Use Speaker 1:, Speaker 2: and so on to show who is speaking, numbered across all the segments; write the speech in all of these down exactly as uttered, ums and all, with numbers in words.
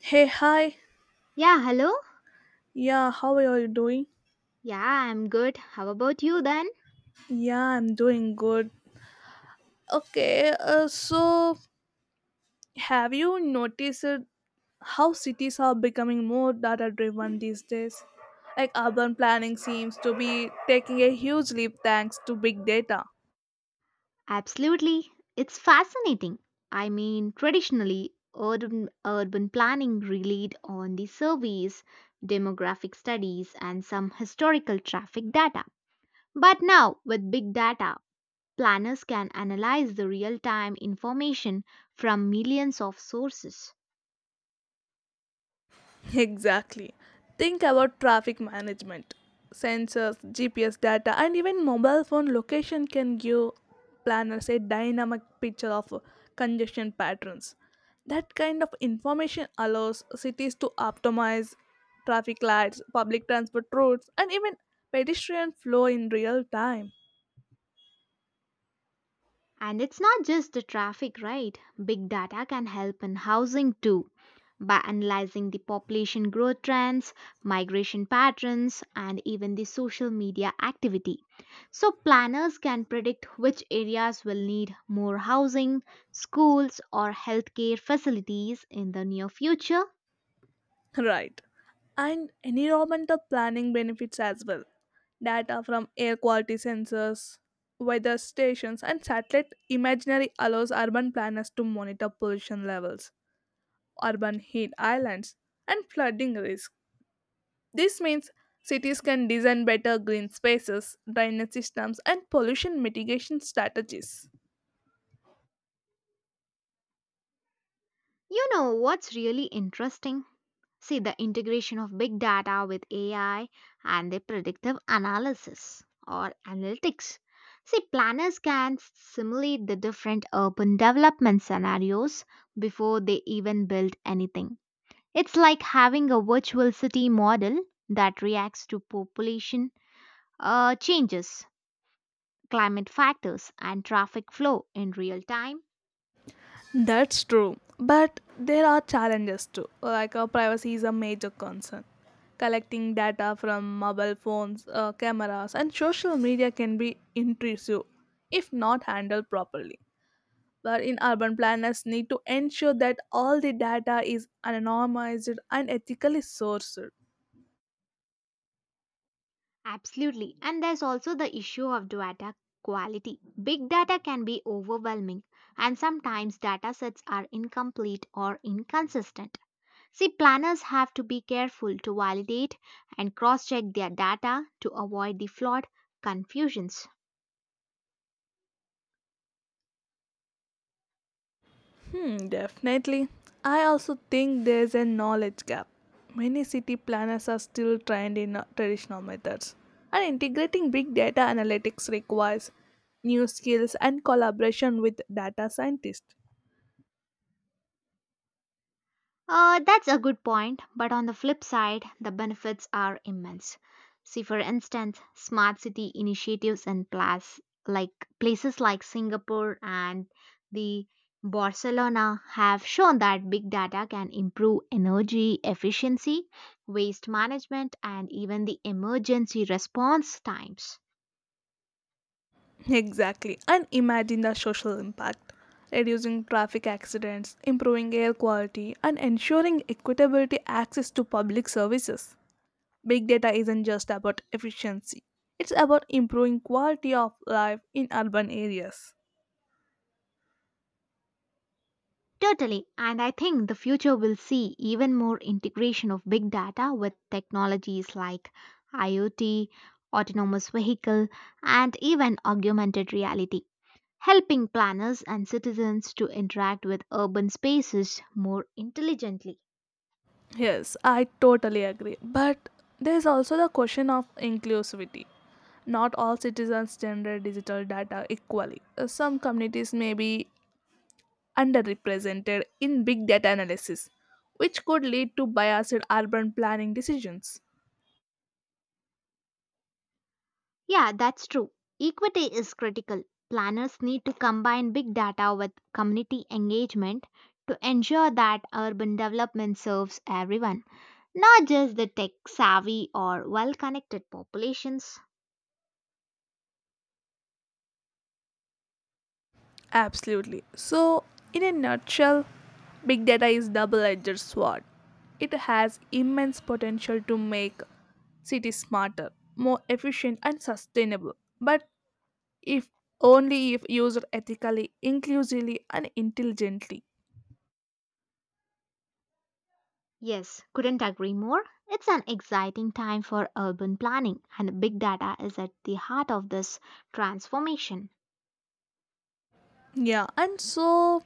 Speaker 1: Hey, hi.
Speaker 2: Yeah, hello?
Speaker 1: Yeah, how are you doing?
Speaker 2: Yeah, I'm good. How about you then?
Speaker 1: Yeah, I'm doing good. Okay, uh, so have you noticed how cities are becoming more data driven these days? Like urban planning seems to be taking a huge leap thanks to big data.
Speaker 2: Absolutely. It's fascinating. I mean, traditionally, urban, urban planning relied on the surveys, demographic studies, and some historical traffic data. But now, with big data, planners can analyze the real time information from millions of sources.
Speaker 1: Exactly. Think about traffic management. Sensors, G P S data, and even mobile phone location can give planners a dynamic picture of congestion patterns. That kind of information allows cities to optimize traffic lights, public transport routes, and even pedestrian flow in real time.
Speaker 2: And it's not just the traffic, right? Big data can help in housing too by analyzing the population growth trends, migration patterns, and even the social media activity. So, planners can predict which areas will need more housing, schools, or healthcare facilities in the near future.
Speaker 1: Right. And environmental planning benefits as well. Data from air quality sensors, weather stations, and satellite imaginary allows urban planners to monitor pollution levels, urban heat islands, and flooding risk. This means cities can design better green spaces, drainage systems, and pollution mitigation strategies.
Speaker 2: You know what's really interesting? See the integration of big data with A I and the predictive analysis or analytics. See, planners can simulate the different urban development scenarios before they even build anything. It's like having a virtual city model that reacts to population uh, changes, climate factors, and traffic flow in real time.
Speaker 1: That's true, but there are challenges too. Like uh, privacy is a major concern. Collecting data from mobile phones, uh, cameras, and social media can be intrusive if not handled properly. But in urban planners need to ensure that all the data is anonymized and ethically sourced.
Speaker 2: Absolutely. And there's also the issue of data quality. Big data can be overwhelming, and sometimes data sets are incomplete or inconsistent. See, planners have to be careful to validate and cross check their data to avoid the flawed confusions.
Speaker 1: Hmm, definitely. I also think there's a knowledge gap. Many city planners are still trained in uh, traditional methods, and integrating big data analytics requires new skills and collaboration with data scientists.
Speaker 2: Uh, that's a good point, but on the flip side, the benefits are immense. See, for instance, smart city initiatives in place, like places like Singapore and the Barcelona have shown that big data can improve energy efficiency, waste management, and even the emergency response times.
Speaker 1: Exactly, and imagine the social impact reducing traffic accidents, improving air quality, and ensuring equitability access to public services. Big data isn't just about efficiency, it's about improving quality of life in urban areas.
Speaker 2: Totally. And I think the future will see even more integration of big data with technologies like IoT, autonomous vehicle, and even augmented reality, helping planners and citizens to interact with urban spaces more intelligently.
Speaker 1: Yes, I totally agree. But there's also the question of inclusivity. Not all citizens generate digital data equally. Uh, Some communities may be underrepresented in big data analysis, which could lead to biased urban planning decisions.
Speaker 2: Yeah, that's true. Equity is critical. Planners need to combine big data with community engagement to ensure that urban development serves everyone, not just the tech savvy or well connected populations.
Speaker 1: Absolutely. So, in a nutshell, big data is double-edged sword. It has immense potential to make cities smarter, more efficient and sustainable, but if only if used ethically, inclusively and intelligently.
Speaker 2: Yes, couldn't agree more. It's an exciting time for urban planning, and big data is at the heart of this transformation.
Speaker 1: Yeah, and so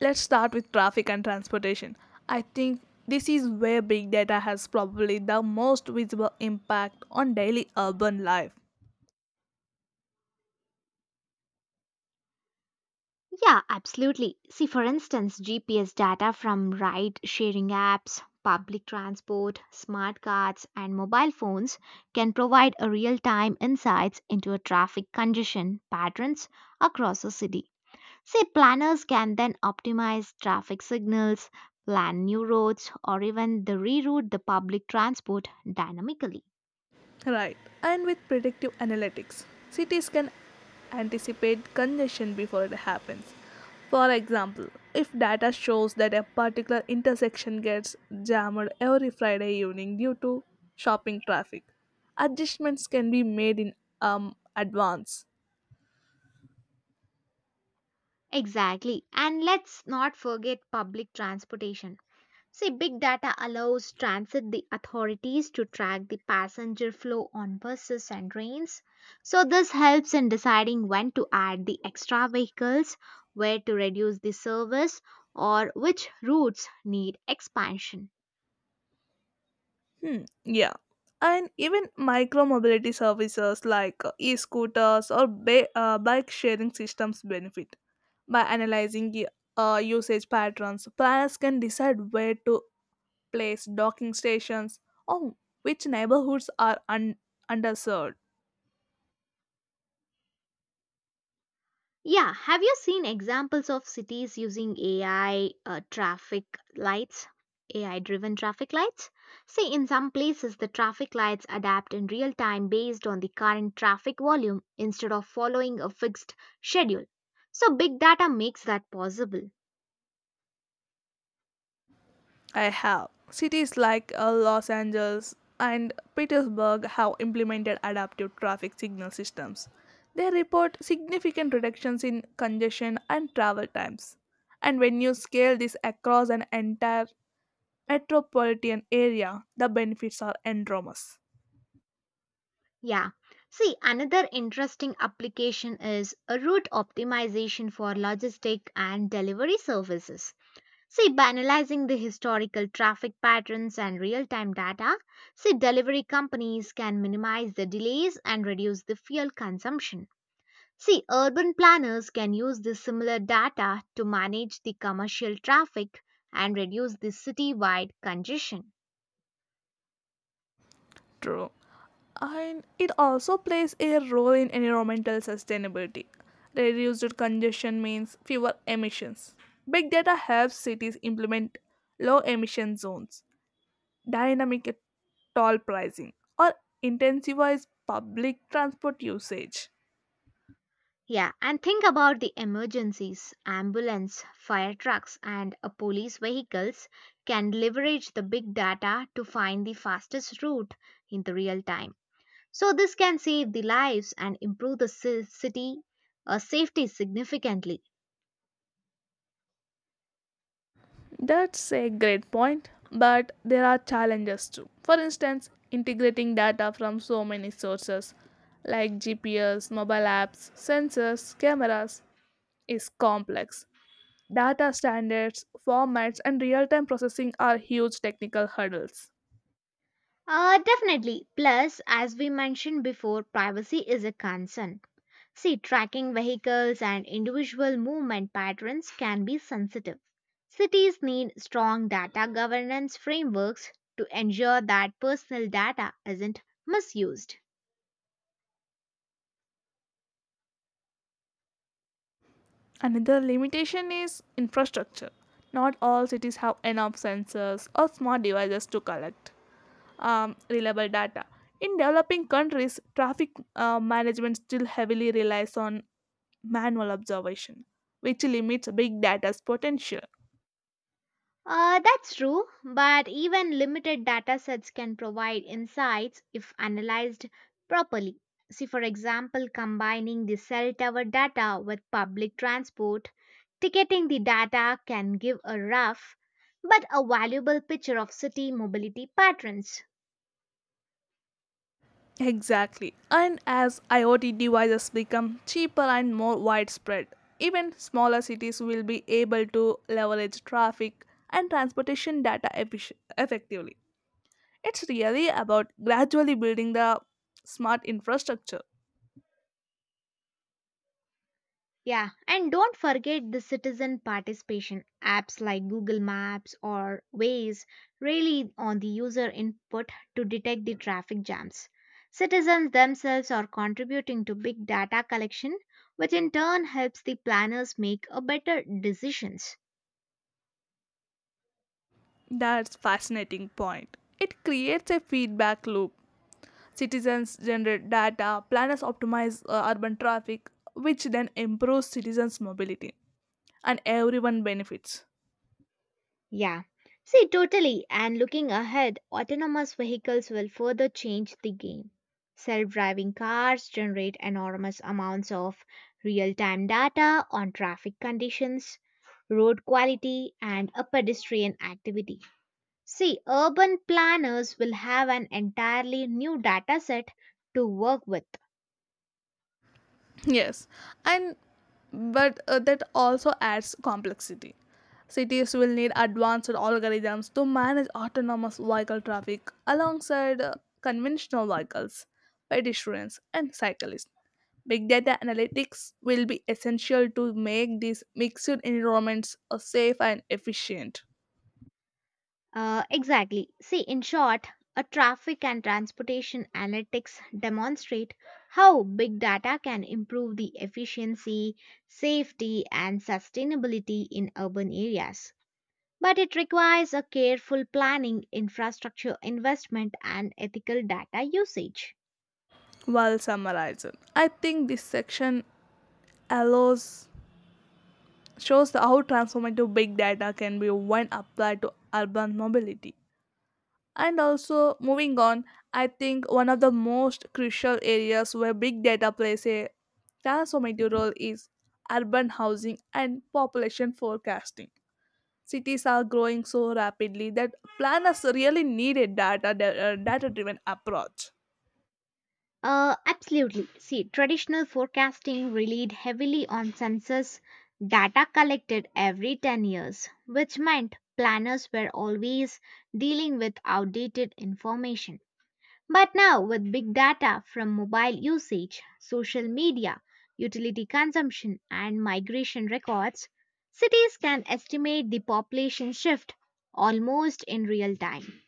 Speaker 1: let's start with traffic and transportation. I think this is where big data has probably the most visible impact on daily urban life.
Speaker 2: Yeah, absolutely. See, for instance, G P S data from ride sharing apps, public transport, smart cards, and mobile phones can provide a real time insights into a traffic congestion patterns across a city. Say, planners can then optimize traffic signals, plan new routes, or even the reroute the public transport dynamically.
Speaker 1: Right. And with predictive analytics, cities can anticipate congestion before it happens. For example, if data shows that a particular intersection gets jammed every Friday evening due to shopping traffic, adjustments can be made in um, advance.
Speaker 2: Exactly. And let's not forget public transportation. See, big data allows transit the authorities to track the passenger flow on buses and trains. So, this helps in deciding when to add the extra vehicles, where to reduce the service, or which routes need expansion.
Speaker 1: Hmm, yeah. And even micro mobility services like uh, e scooters or ba- uh, bike sharing systems benefit. By analyzing y- uh, usage patterns, planners can decide where to place docking stations or which neighborhoods are un- underserved.
Speaker 2: Yeah, have you seen examples of cities using A I uh, traffic lights? A I driven traffic lights? See, in some places, the traffic lights adapt in real time based on the current traffic volume instead of following a fixed schedule. So, big data makes that possible.
Speaker 1: I have. Cities like uh, Los Angeles and Petersburg have implemented adaptive traffic signal systems. They report significant reductions in congestion and travel times. And when you scale this across an entire metropolitan area, the benefits are enormous.
Speaker 2: Yeah. See, another interesting application is a route optimization for logistic and delivery services. See, by analyzing the historical traffic patterns and real time data, see, delivery companies can minimize the delays and reduce the fuel consumption. See, urban planners can use the similar data to manage the commercial traffic and reduce the city-wide congestion.
Speaker 1: True. And it also plays a role in environmental sustainability. Reduced congestion means fewer emissions. Big data helps cities implement low emission zones, dynamic toll pricing, or intensifies public transport usage.
Speaker 2: Yeah, and think about the emergencies. Ambulance, fire trucks, and uh, police vehicles can leverage the big data to find the fastest route in the real time. So, this can save the lives and improve the ci- city uh, safety significantly.
Speaker 1: That's a great point, but there are challenges too. For instance, integrating data from so many sources like G P S, mobile apps, sensors, cameras is complex. Data standards, formats, and real time processing are huge technical hurdles.
Speaker 2: Uh, definitely. Plus, as we mentioned before, privacy is a concern. See, tracking vehicles and individual movement patterns can be sensitive. Cities need strong data governance frameworks to ensure that personal data isn't misused.
Speaker 1: Another limitation is infrastructure. Not all cities have enough sensors or smart devices to collect um, reliable data. In developing countries, traffic uh, management still heavily relies on manual observation, which limits big data's potential.
Speaker 2: Uh, that's true, but even limited data sets can provide insights if analyzed properly. See, for example, combining the cell tower data with public transport, ticketing the data can give a rough but a valuable picture of city mobility patterns.
Speaker 1: Exactly. And as IoT devices become cheaper and more widespread, even smaller cities will be able to leverage traffic and transportation data effic- effectively. It's really about gradually building the smart infrastructure.
Speaker 2: Yeah, and don't forget the citizen participation. Apps like Google Maps or Waze rely on the user input to detect the traffic jams. Citizens themselves are contributing to big data collection, which in turn helps the planners make a better decisions.
Speaker 1: That's fascinating point. It creates a feedback loop. Citizens generate data, planners optimize uh, urban traffic, which then improves citizens' mobility, and everyone benefits.
Speaker 2: Yeah. See, totally. And looking ahead, autonomous vehicles will further change the game. Self driving cars generate enormous amounts of real time data on traffic conditions, road quality, and a pedestrian activity. See, urban planners will have an entirely new data set to work with.
Speaker 1: Yes, and but uh, that also adds complexity. Cities will need advanced algorithms to manage autonomous vehicle traffic alongside uh, conventional vehicles, pedestrians, and cyclists. Big data analytics will be essential to make these mixed environments uh, safe and efficient.
Speaker 2: Uh, exactly. See, in short, a traffic and transportation analytics demonstrate how big data can improve the efficiency, safety, and sustainability in urban areas. But it requires a careful planning, infrastructure investment, and ethical data usage.
Speaker 1: While summarizing, I think this section allows shows how transformative big data can be when applied to urban mobility. And also, moving on, I think one of the most crucial areas where big data plays a transformative role is urban housing and population forecasting. Cities are growing so rapidly that planners really need a data data driven approach.
Speaker 2: Uh, absolutely. See, traditional forecasting relied heavily on census data collected every ten years, which meant planners were always dealing with outdated information. But now, with big data from mobile usage, social media, utility consumption, and migration records, cities can estimate the population shift almost in real time.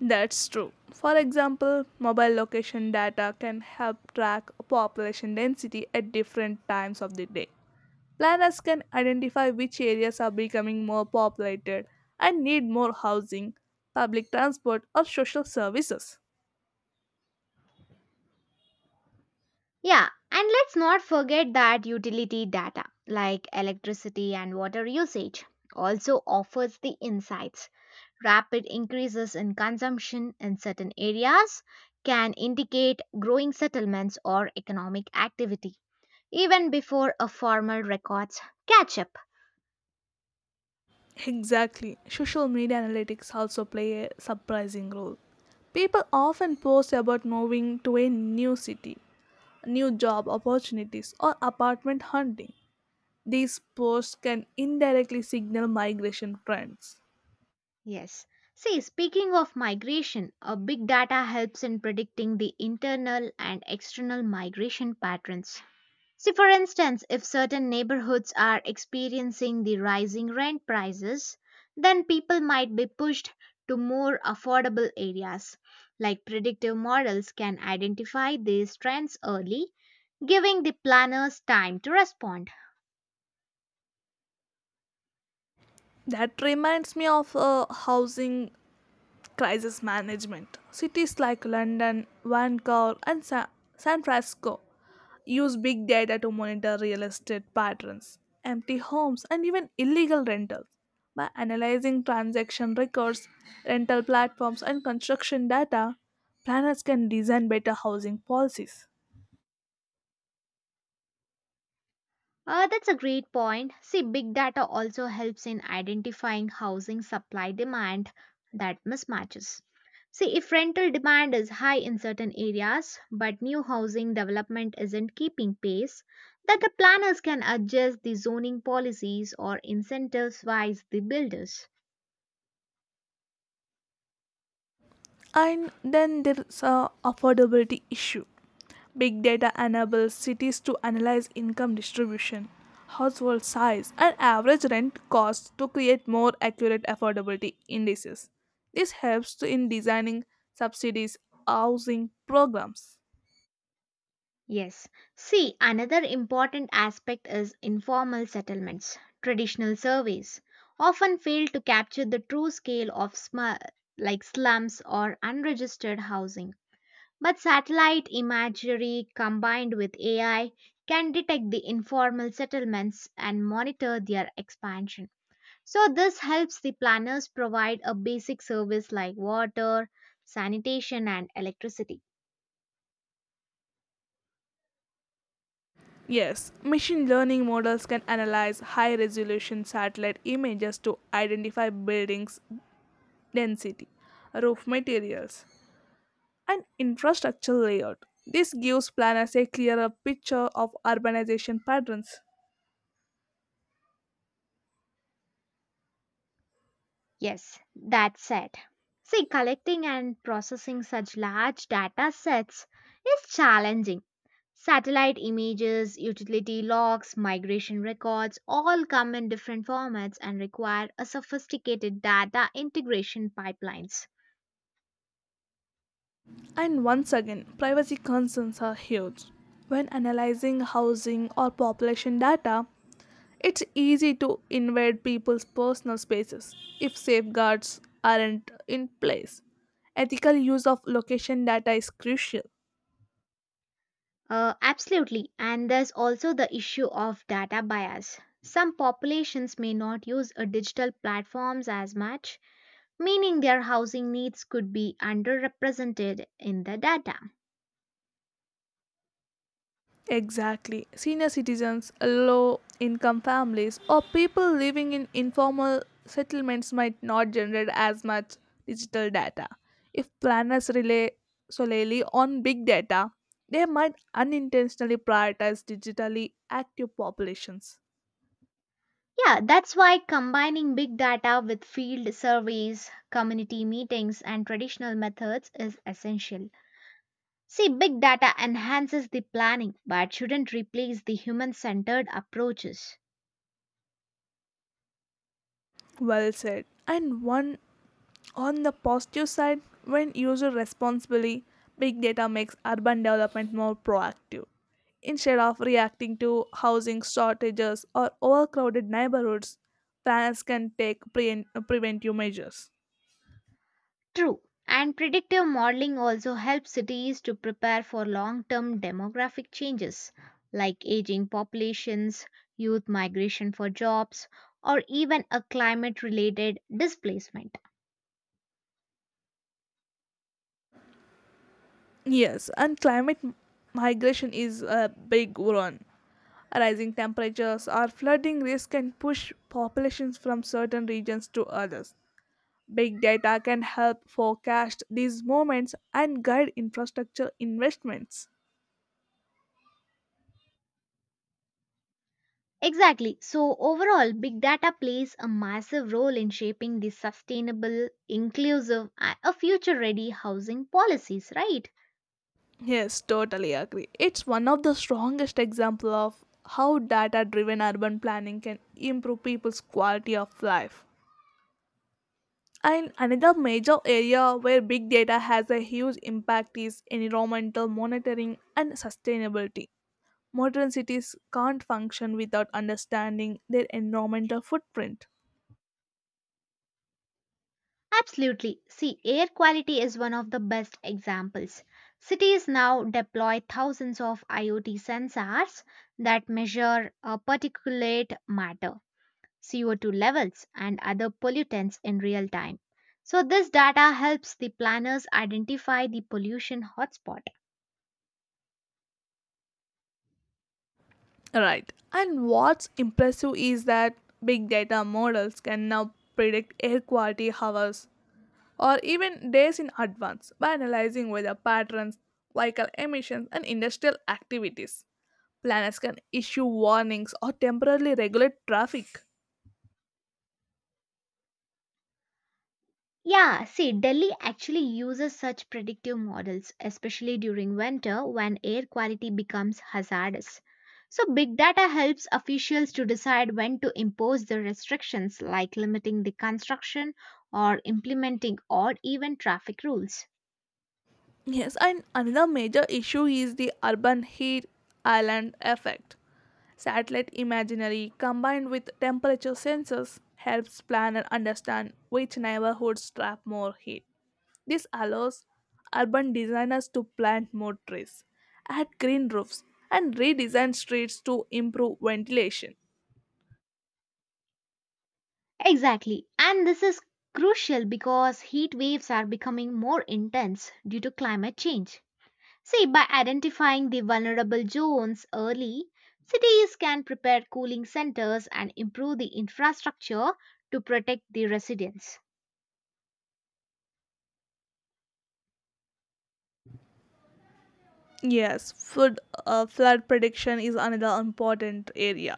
Speaker 1: That's true. For example, mobile location data can help track population density at different times of the day. Planners can identify which areas are becoming more populated and need more housing, public transport, or social services.
Speaker 2: Yeah, and let's not forget that utility data like electricity and water usage also offers the insights. Rapid increases in consumption in certain areas can indicate growing settlements or economic activity even before a formal records catch up.
Speaker 1: Exactly. Social media analytics also play a surprising role. People often post about moving to a new city, new job opportunities, or apartment hunting. These posts can indirectly signal migration trends.
Speaker 2: Yes. See, speaking of migration, a big data helps in predicting the internal and external migration patterns. See, for instance, if certain neighborhoods are experiencing the rising rent prices, then people might be pushed to more affordable areas. Like predictive models can identify these trends early, giving the planners time to respond.
Speaker 1: That reminds me of a housing crisis management. Cities like London, Vancouver, and Sa- San Francisco use big data to monitor real estate patterns, empty homes, and even illegal rentals. By analyzing transaction records, rental platforms, and construction data, planners can design better housing policies.
Speaker 2: Uh, that's a great point. See, big data also helps in identifying housing supply demand that mismatches. See, if rental demand is high in certain areas, but new housing development isn't keeping pace, then the planners can adjust the zoning policies or incentivize the builders.
Speaker 1: And then there's a affordability issue. Big data enables cities to analyze income distribution, household size, and average rent costs to create more accurate affordability indices. This helps to in designing subsidies housing programs.
Speaker 2: Yes. See, another important aspect is informal settlements. Traditional surveys often fail to capture the true scale of sm- like slums or unregistered housing. But satellite imagery combined with A I can detect the informal settlements and monitor their expansion. So this helps the planners provide a basic service like water, sanitation and electricity.
Speaker 1: Yes, machine learning models can analyze high resolution satellite images to identify buildings' density, roof materials, and infrastructure layout. This gives planners a clearer picture of urbanization patterns.
Speaker 2: Yes, that's it. See, collecting and processing such large data sets is challenging. Satellite images, utility logs, migration records all come in different formats and require a sophisticated data integration pipelines.
Speaker 1: And once again, privacy concerns are huge. When analyzing housing or population data, it's easy to invade people's personal spaces if safeguards aren't in place. Ethical use of location data is crucial.
Speaker 2: Uh, absolutely, and there's also the issue of data bias. Some populations may not use uh, digital platforms as much, meaning their housing needs could be underrepresented in the data.
Speaker 1: Exactly. Senior citizens, low income families, or people living in informal settlements might not generate as much digital data. If planners rely solely on big data, they might unintentionally prioritize digitally active populations.
Speaker 2: Yeah, that's why combining big data with field surveys, community meetings, and traditional methods is essential. See, big data enhances the planning but shouldn't replace the human centered approaches.
Speaker 1: Well said. And one On the positive side, when used responsibly, big data makes urban development more proactive. Instead of reacting to housing shortages or overcrowded neighborhoods, planners can take pre- preventive measures.
Speaker 2: True. And predictive modeling also helps cities to prepare for long term demographic changes like aging populations, youth migration for jobs, or even a climate related displacement.
Speaker 1: Yes, and climate migration is a big one. Rising temperatures or flooding risk can push populations from certain regions to others. Big data can help forecast these movements and guide infrastructure investments.
Speaker 2: Exactly. So, overall, big data plays a massive role in shaping the sustainable, inclusive, and a future ready housing policies, right?
Speaker 1: Yes, totally agree. It's one of the strongest example of how data-driven urban planning can improve people's quality of life. And another major area where big data has a huge impact is environmental monitoring and sustainability. Modern cities can't function without understanding their environmental footprint.
Speaker 2: Absolutely. See, air quality is one of the best examples. Cities now deploy thousands of IoT sensors that measure uh, particulate matter, C O two levels, and other pollutants in real time. So, this data helps the planners identify the pollution hotspots.
Speaker 1: Right. And what's impressive is that big data models can now predict air quality hours or even days in advance by analyzing weather patterns, vehicle emissions, and industrial activities. Planners can issue warnings or temporarily regulate traffic.
Speaker 2: Yeah, see, Delhi actually uses such predictive models, especially during winter when air quality becomes hazardous. So, big data helps officials to decide when to impose the restrictions like limiting the construction or implementing or even traffic rules.
Speaker 1: Yes, and another major issue is the urban heat island effect. Satellite imagery combined with temperature sensors helps planner understand which neighborhoods trap more heat. This allows urban designers to plant more trees, add green roofs, and redesign streets to improve ventilation.
Speaker 2: Exactly, and this is crucial because heat waves are becoming more intense due to climate change. See, by identifying the vulnerable zones early, cities can prepare cooling centers and improve the infrastructure to protect the residents.
Speaker 1: Yes, flood, uh, flood prediction is another important area.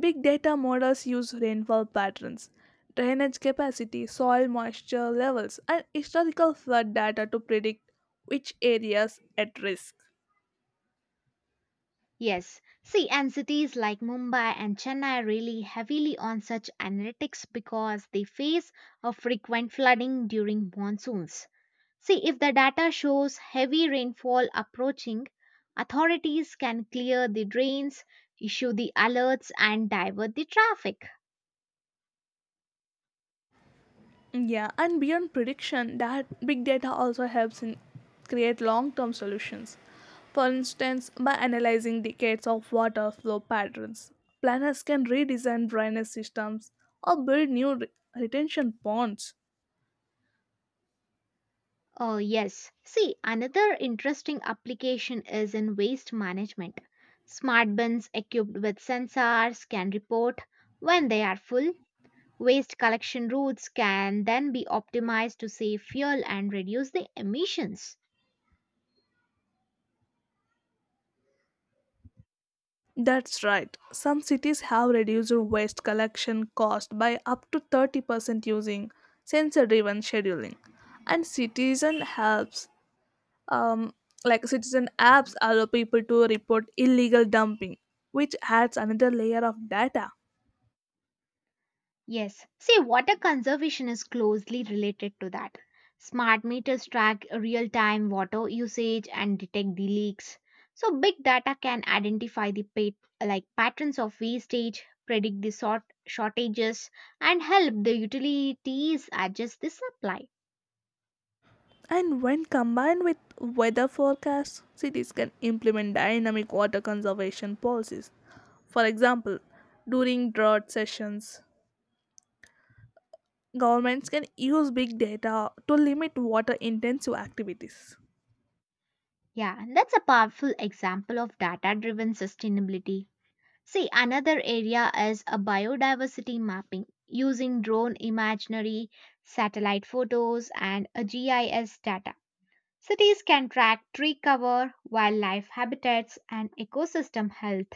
Speaker 1: Big data models use rainfall patterns, drainage capacity, soil moisture levels, and historical flood data to predict which areas at risk.
Speaker 2: Yes, see, and cities like Mumbai and Chennai rely heavily on such analytics because they face a frequent flooding during monsoons. See, if the data shows heavy rainfall approaching, authorities can clear the drains, issue the alerts, and divert the traffic.
Speaker 1: Yeah, and beyond prediction, that big data also helps in create long-term solutions. For instance, by analyzing decades of water flow patterns, planners can redesign drainage systems or build new re- retention ponds.
Speaker 2: Oh, yes. See, another interesting application is in waste management. Smart bins equipped with sensors can report when they are full. Waste collection routes can then be optimized to save fuel and reduce the emissions.
Speaker 1: That's right. Some cities have reduced waste collection cost by up to thirty percent using sensor driven scheduling. And citizen helps um, like citizen apps allow people to report illegal dumping, which adds another layer of data.
Speaker 2: Yes. See, water conservation is closely related to that. Smart meters track real time water usage and detect the leaks. So, big data can identify the pat- like patterns of wastage, predict the sort- shortages, and help the utilities adjust the supply.
Speaker 1: And when combined with weather forecasts, cities can implement dynamic water conservation policies. For example, during drought sessions, governments can use big data to limit water intensive activities,
Speaker 2: Yeah, that's a powerful example of data driven sustainability. See, another area is a biodiversity mapping using drone imaginary, satellite photos, and a G I S data. Cities can track tree cover, wildlife habitats, and ecosystem health.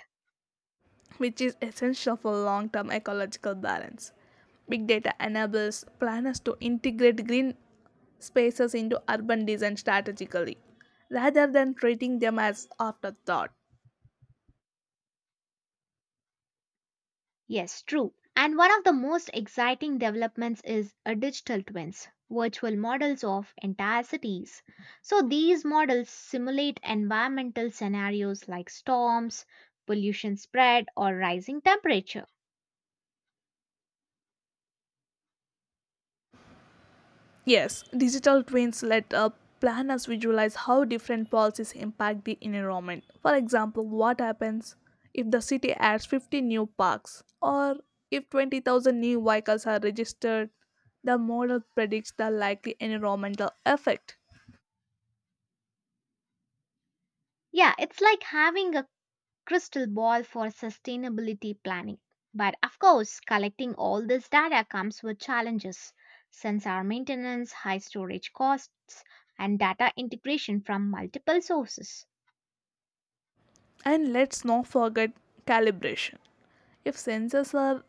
Speaker 1: which is essential for long term ecological balance. Big data enables planners to integrate green spaces into urban design strategically rather than treating them as afterthought.
Speaker 2: Yes, true. And one of the most exciting developments is a digital twins, virtual models of entire cities. So these models simulate environmental scenarios like storms, pollution spread, or rising temperature.
Speaker 1: Yes, digital twins let uh, planners visualize how different policies impact the environment. For example, what happens if the city adds fifty new parks or if twenty thousand new vehicles are registered? The model predicts the likely environmental effect.
Speaker 2: Yeah, it's like having a crystal ball for sustainability planning. But of course, collecting all this data comes with challenges sensor maintenance, high storage costs, and data integration from multiple sources.
Speaker 1: And let's not forget calibration. If sensors are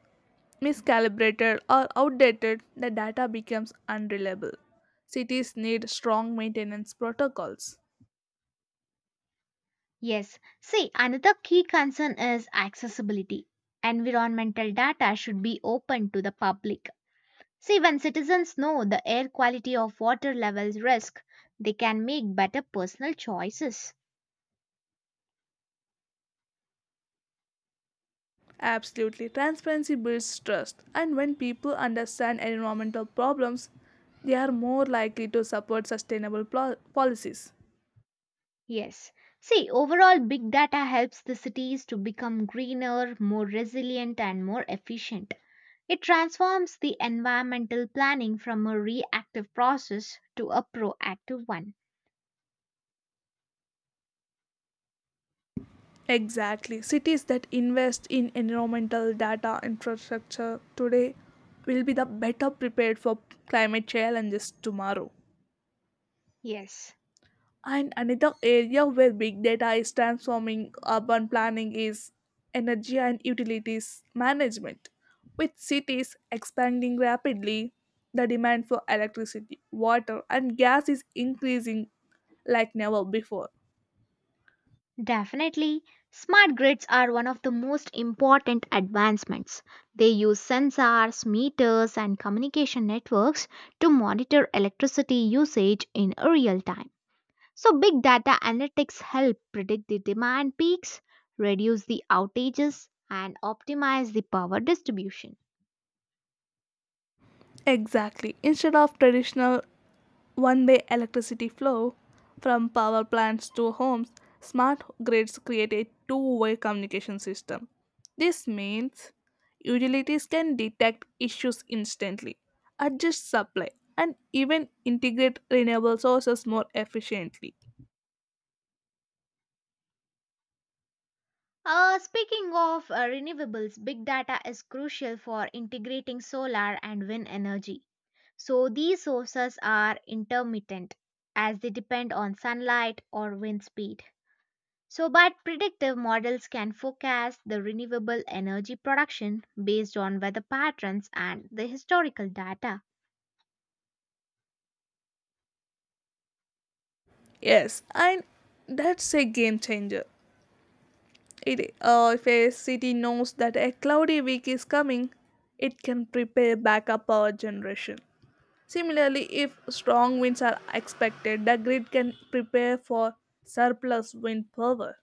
Speaker 1: miscalibrated or outdated, the data becomes unreliable. Cities need strong maintenance protocols.
Speaker 2: Yes, see, another key concern is accessibility. Environmental data should be open to the public. See, when citizens know the air quality of water levels risk, they can make better personal choices.
Speaker 1: Absolutely, transparency builds trust, and when people understand environmental problems, they are more likely to support sustainable plo- policies.
Speaker 2: Yes. See, overall, big data helps the cities to become greener, more resilient, and more efficient. It transforms the environmental planning from a reactive process to a proactive one.
Speaker 1: Exactly, cities that invest in environmental data infrastructure today will be the better prepared for climate challenges tomorrow.
Speaker 2: Yes.
Speaker 1: And another area where big data is transforming urban planning is energy and utilities management. With cities expanding rapidly, the demand for electricity, water, and gas is increasing like never before.
Speaker 2: Definitely, smart grids are one of the most important advancements. They use sensors, meters, and communication networks to monitor electricity usage in real time. So, big data analytics help predict the demand peaks, reduce the outages, and optimize the power distribution.
Speaker 1: Exactly. Instead of traditional one way electricity flow from power plants to homes, smart grids create a two way communication system. This means utilities can detect issues instantly, adjust supply, and even integrate renewable sources more efficiently.
Speaker 2: Uh, speaking of uh, renewables, big data is crucial for integrating solar and wind energy. So, these sources are intermittent as they depend on sunlight or wind speed. So, but predictive models can forecast the renewable energy production based on weather patterns and the historical data.
Speaker 1: Yes, and that's a game changer. It, uh, if a city knows that a cloudy week is coming, it can prepare backup power generation. Similarly, if strong winds are expected, the grid can prepare for surplus wind power.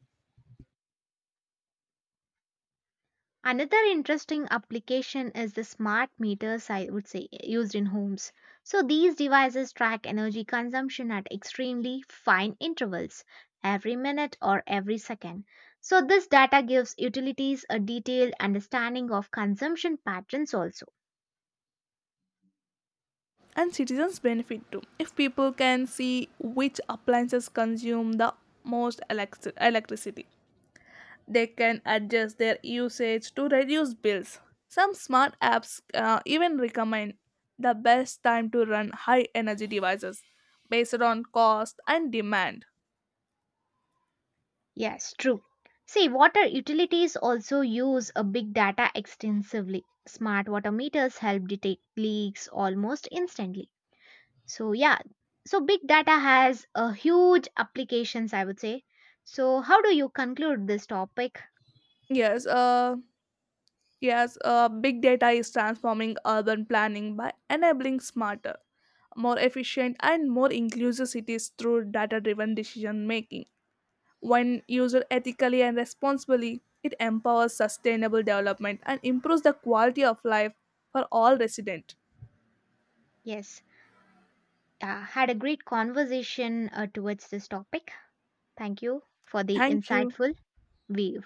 Speaker 2: Another interesting application is the smart meters, I would say, used in homes. So these devices track energy consumption at extremely fine intervals, every minute or every second. So this data gives utilities a detailed understanding of consumption patterns also.
Speaker 1: And citizens benefit too. If people can see which appliances consume the most elect- electricity, they can adjust their usage to reduce bills. Some smart apps uh, even recommend the best time to run high energy devices based on cost and demand.
Speaker 2: Yes, true. See, water utilities also use a big data extensively. Smart water meters help detect leaks almost instantly. So yeah, so big data has a huge applications, I would say. So how do you conclude this topic?
Speaker 1: Yes, uh, Yes, uh, big data is transforming urban planning by enabling smarter, more efficient, and more inclusive cities through data driven decision making. When used ethically and responsibly, it empowers sustainable development and improves the quality of life for all residents.
Speaker 2: Yes, uh, had a great conversation uh, towards this topic. Thank you for the
Speaker 1: Thank you.
Speaker 2: insightful view.